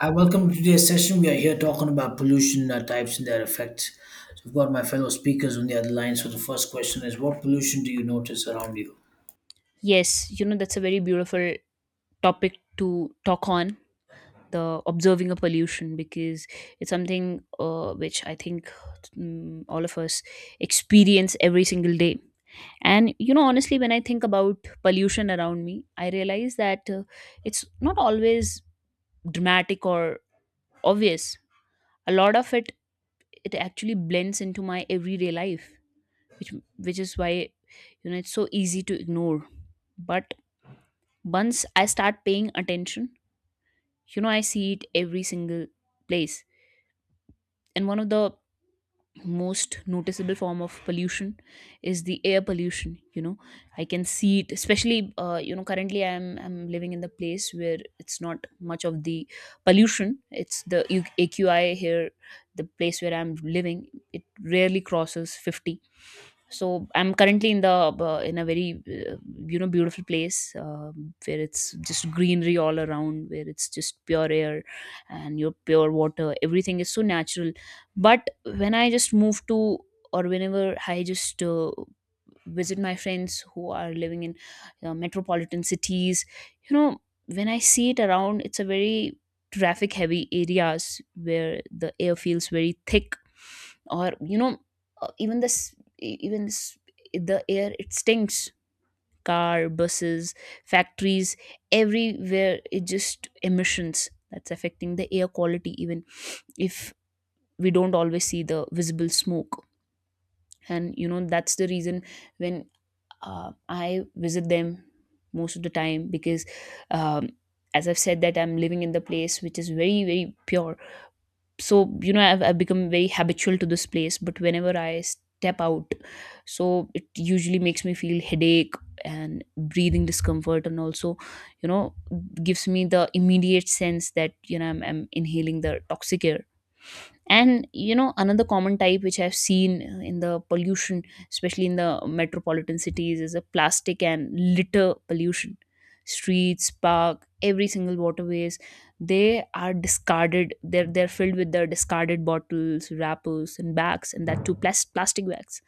Hi, welcome to today's session. We are here talking about pollution types and their effects. So I've got my fellow speakers on the other line. So the first question is, what pollution do you notice around you? Yes, you know, that's a very beautiful topic to talk on the observing a pollution because it's something which I think all of us experience every single day. And you know, honestly, when I think about pollution around me, I realize that it's not always dramatic or obvious. A lot of it actually blends into my everyday life, which is why you know it's so easy to ignore. But once I start paying attention, you know, I see it every single place. And one of the most noticeable form of pollution is the air pollution. You know, I can see it, especially you know, currently I'm living in the place where it's not much of the pollution. It's the aqi here. The place where I'm living, it rarely crosses 50. So I'm currently in the in a very you know, beautiful place, where it's just greenery all around, where it's just pure air and your pure water. Everything is so natural. But when I just move to, or whenever I just visit my friends who are living in metropolitan cities, you know, when I see it around, it's a very traffic heavy areas where the air feels very thick, or you know, even this, the air it stinks. Car, buses, factories, everywhere it just emissions that's affecting the air quality, even if we don't always see the visible smoke. And you know, that's the reason when I visit them most of the time, because um, as I've said that I'm living in the place which is very very pure, so you know I've become very habitual to this place, but whenever I step out, so it usually makes me feel headache and breathing discomfort, and also you know, gives me the immediate sense that you know I'm inhaling the toxic air. And you know, another common type which I've seen in the pollution, especially in the metropolitan cities, is a plastic and litter pollution. Streets, park, every single waterways, they are discarded. They're filled with the discarded bottles, wrappers, and bags, and that too plastic bags.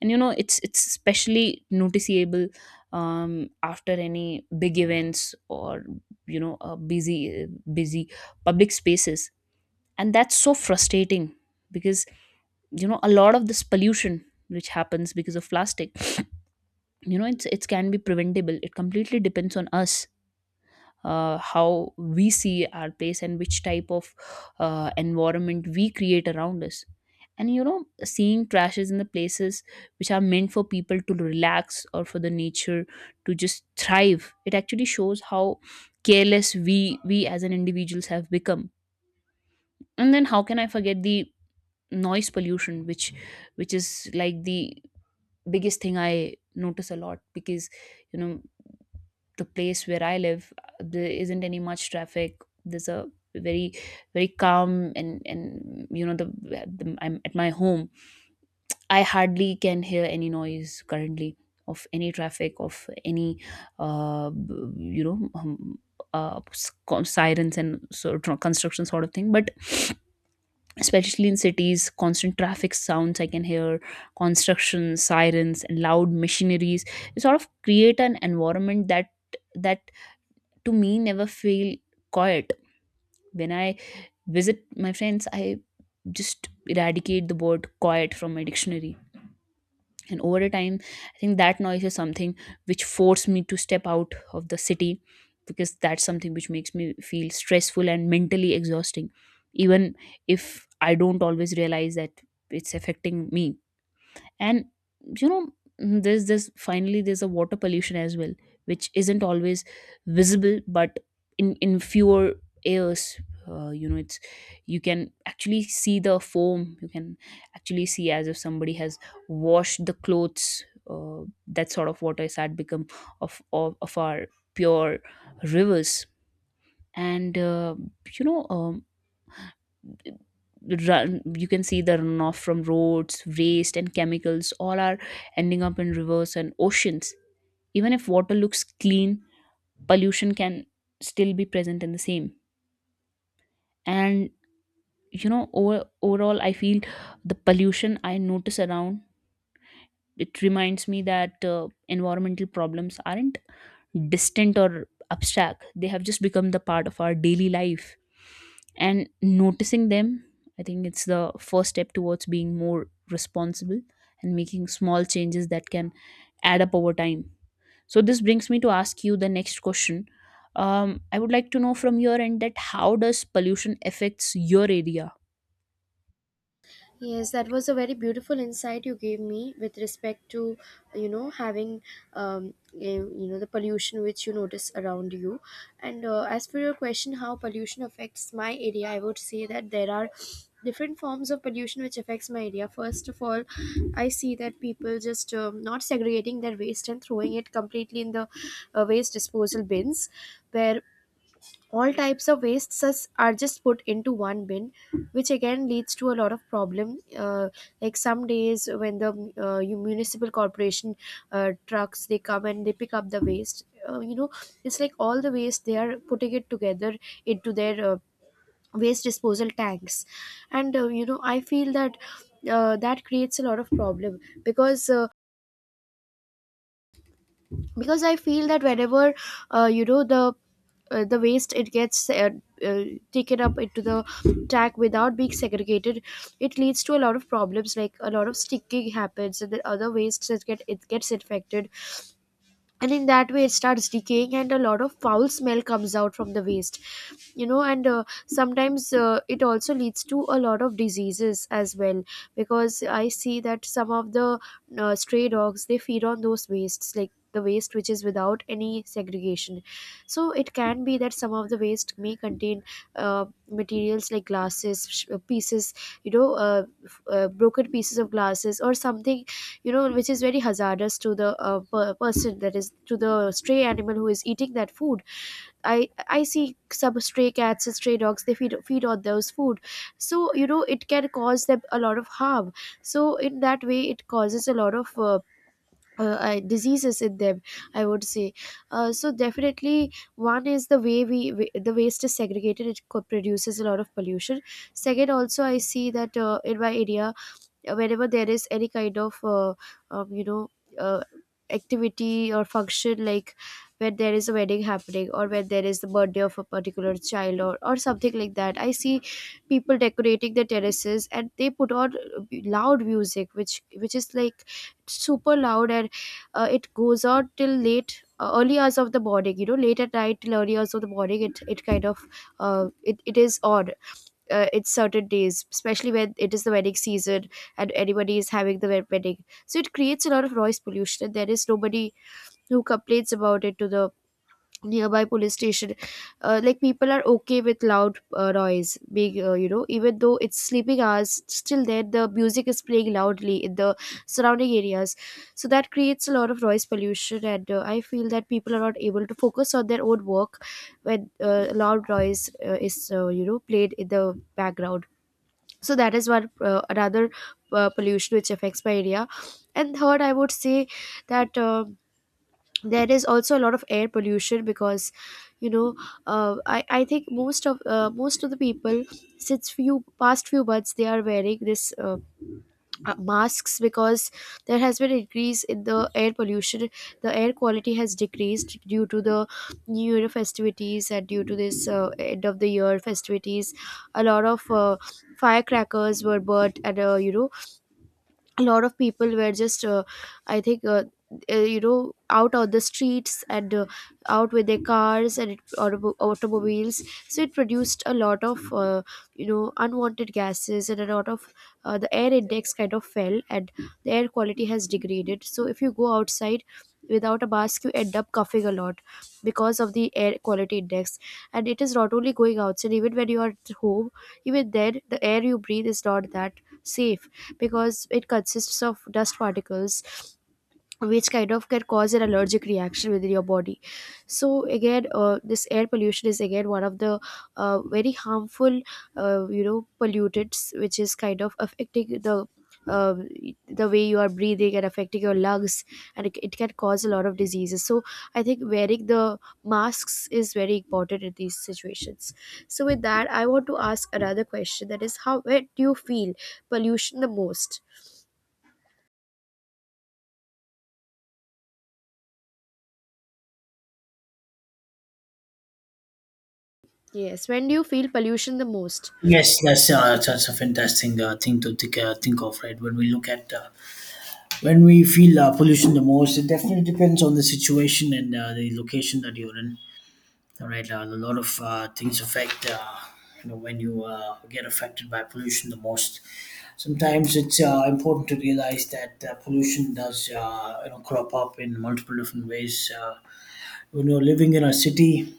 And you know, it's especially noticeable after any big events or you know, busy public spaces. And that's so frustrating because you know a lot of this pollution which happens because of plastic, you know it's it can be preventable. It completely depends on us how we see our place and which type of environment we create around us. And you know, seeing trashes in the places which are meant for people to relax or for the nature to just thrive, it actually shows how careless we as an individuals have become. And then how can I forget the noise pollution, which is like the biggest thing I notice a lot? Because you know, the place where I live, there isn't any much traffic. There's a very very calm and you know the I'm at my home, I hardly can hear any noise currently, of any traffic, of any you know sirens and sort of construction sort of thing. But especially in cities, constant traffic sounds I can hear, construction sirens and loud machineries. It sort of create an environment that that to me never feel quiet. When I visit my friends, I just eradicate the word quiet from my dictionary. And over a time, I think that noise is something which forced me to step out of the city, because that's something which makes me feel stressful and mentally exhausting, even if I don't always realize that it's affecting me. And you know, mm, there's this finally there's a water pollution as well, which isn't always visible, but in fewer airs, you know, it's you can actually see the foam. You can actually see as if somebody has washed the clothes, uh, that sort of water has had become of our pure rivers. And you know, run you can see the runoff from roads, waste and chemicals, all are ending up in rivers and oceans. Even if water looks clean, pollution can still be present in the same. And you know, overall I feel the pollution I notice around, it reminds me that environmental problems aren't distant or abstract. They have just become the part of our daily life. And noticing them, I think it's the first step towards being more responsible and making small changes that can add up over time. So this brings me to ask you the next question. I would like to know from your end that how does pollution affects your area. Yes, that was a very beautiful insight you gave me with respect to, having, um, the pollution which you notice around you. And as for your question, how pollution affects my area, I would say that there are different forms of pollution which affects my area. First of all, I see that people just not segregating their waste and throwing it completely in the waste disposal bins, where all types of wastes are just put into one bin, which again leads to a lot of problem uh, like some days when the you municipal corporation trucks, they come and they pick up the waste. It's like all the waste they are putting it together into their waste disposal tanks. And I feel that that creates a lot of problem because I feel that whenever the waste, it gets uh, taken up into the tank without being segregated. It leads to a lot of problems, like a lot of sticking happens and the other wastes that gets infected, and in that way it starts decaying and a lot of foul smell comes out from the waste. And sometimes it also leads to a lot of diseases as well, because I see that some of the stray dogs, they feed on those wastes, like the waste which is without any segregation. So it can be that some of the waste may contain materials like glasses sh- pieces you know f- broken pieces of glasses or something, which is very hazardous to the person, that is, to the stray animal who is eating that food. I i see some stray cats and stray dogs, they feed on those food, so you know it can cause them a lot of harm. So in that way it causes a lot of diseases in them, I would say. So definitely one is the way we the waste is segregated, it produces a lot of pollution. Second, also I see that in my area, whenever there is any kind of um, you know uh, activity or function, like when there is a wedding happening or when there is the birthday of a particular child, or something like that, I see people decorating their terraces and they put on loud music, which is like super loud, and it goes on till late early hours of the morning, late at night till early hours of the morning. It kind of it, it is on. It's certain days, especially when it is the wedding season and anybody is having the wedding. So it creates a lot of noise pollution, and there is nobody who complains about it to the nearby police station. Like people are okay with loud noise being, even though it's sleeping hours, still then the music is playing loudly in the surrounding areas. So that creates a lot of noise pollution, and I feel that people are not able to focus on their own work when loud noise is, played in the background. So that is one another pollution which affects my area. And third, I would say that there is also a lot of air pollution, because you know I think most of the people, since few past few months, they are wearing this masks because there has been increase in the air pollution. The air quality has decreased due to the new year festivities, and due to this end of the year festivities a lot of firecrackers were burnt. And a lot of people were just I think out on the streets and out with their cars and automobiles, so it produced a lot of unwanted gases, and a lot of the air index kind of fell, and the air quality has degraded. So if you go outside without a mask, you end up coughing a lot because of the air quality index. And it is not only going outside, even when you are at home, even then the air you breathe is not that safe, because it consists of dust particles which kind of can cause an allergic reaction within your body. So again, this air pollution is again one of the very harmful, pollutants, which is kind of affecting uh, the way you are breathing and affecting your lungs. And it can cause a lot of diseases. So I think wearing the masks is very important in these situations. So with that I want to ask another question, that is, how where do you feel pollution the most? Yes, when do you feel pollution the most? Yes, that's a fantastic thing to think of, right? When we feel pollution the most, it definitely depends on the situation and the location that you're in. All right, a lot of things affect, when you get affected by pollution the most. Sometimes it's important to realize that pollution does, crop up in multiple different ways. When you're living in a city,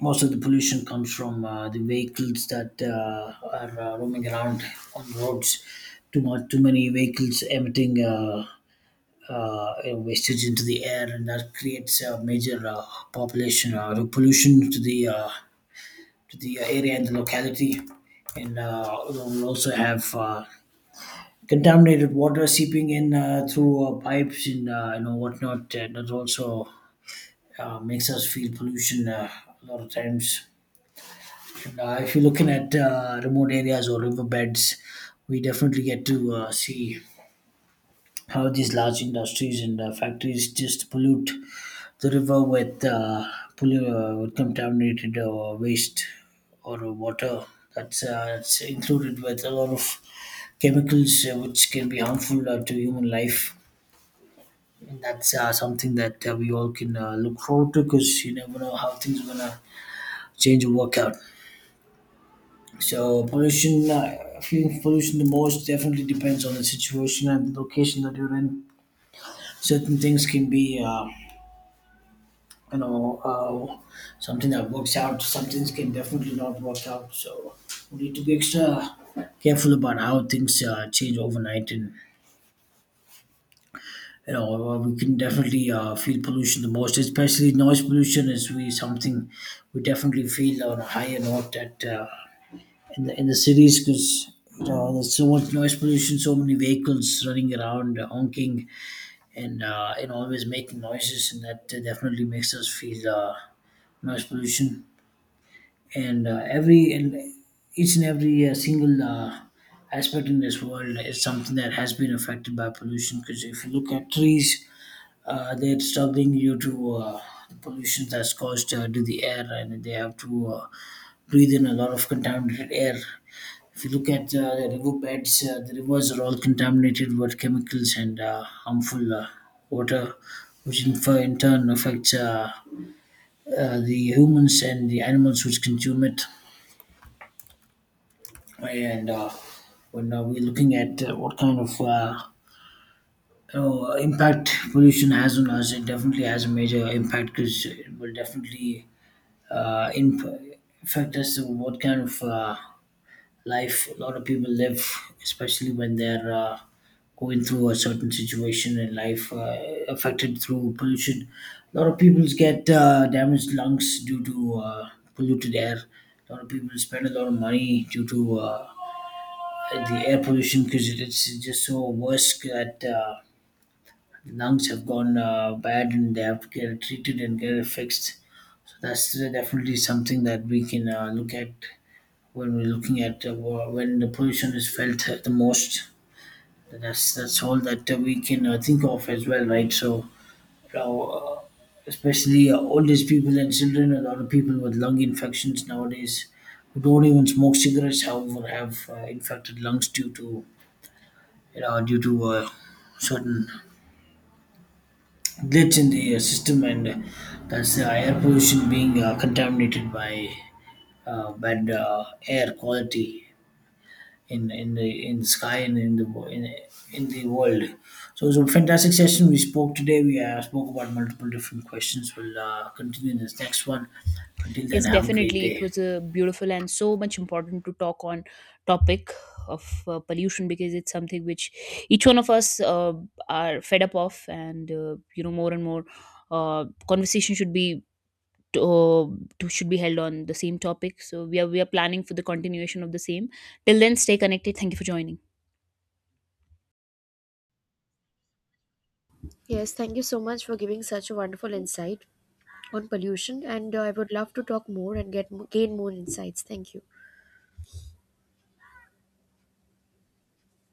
most of the pollution comes from the vehicles that are roaming around on the roads. Too much, too many vehicles emitting. Wastage into the air, and that creates a major population pollution to the area and the locality. And we'll also have contaminated water seeping in through pipes and whatnot. And that also makes us feel pollution a lot of times. And, if you're looking at remote areas or riverbeds, we definitely get to see how these large industries and factories just pollute the river with with contaminated waste or water that's it's included with a lot of chemicals which can be harmful to human life, and that's something that we all can look forward to, because you never know how things are gonna change or work out. So pollution, feeling pollution the most definitely depends on the situation and the location that you're in. Certain things can be you know uh, something that works out, some things can definitely not work out. So we need to be extra careful about how things change overnight, and we can definitely feel pollution the most. Especially noise pollution is we something we definitely feel on a higher note at in the cities, because you know there's so much noise pollution, so many vehicles running around, honking and always making noises, and that definitely makes us feel noise pollution. And every and each and every single aspect in this world is something that has been affected by pollution, because if you look at trees, they're struggling due to the pollution that's caused to the air, and they have to breathe in a lot of contaminated air. If you look at the river beds, the rivers are all contaminated with chemicals and harmful water, which in turn affects the humans and the animals which consume it. And when we're looking at what kind of impact pollution has on us, it definitely has a major impact, because it will definitely uh, imp- affect us. So what kind of life a lot of people live, especially when they're going through a certain situation in life affected through pollution. A lot of people get damaged lungs due to polluted air. A lot of people spend a lot of money due to the air pollution, because it's just so worse that lungs have gone bad and they have to get it treated and get it fixed. So that's definitely something that we can look at when we're looking at when the pollution is felt the most. That's all that we can think of as well, right? So, now, especially old age people and children, a lot of people with lung infections nowadays who don't even smoke cigarettes, however, have infected lungs due to you know due to uh, certain glitch in the system, and that's the air pollution being contaminated by bad air quality in the sky and in the in the world. So it was a fantastic session. We spoke today. We spoke about multiple different questions. We'll continue in this next one. Until then, Yes, have a great definitely. It day. was a beautiful and so much important to talk on topic of pollution, because it's something which each one of us are fed up of, and you know, more and more conversation should be uh, should be held on the same topic. So we are planning for the continuation of the same. Till then, stay connected. Thank you for joining. Yes, thank you so much for giving such a wonderful insight on pollution, and I would love to talk more and get gain more insights. Thank you.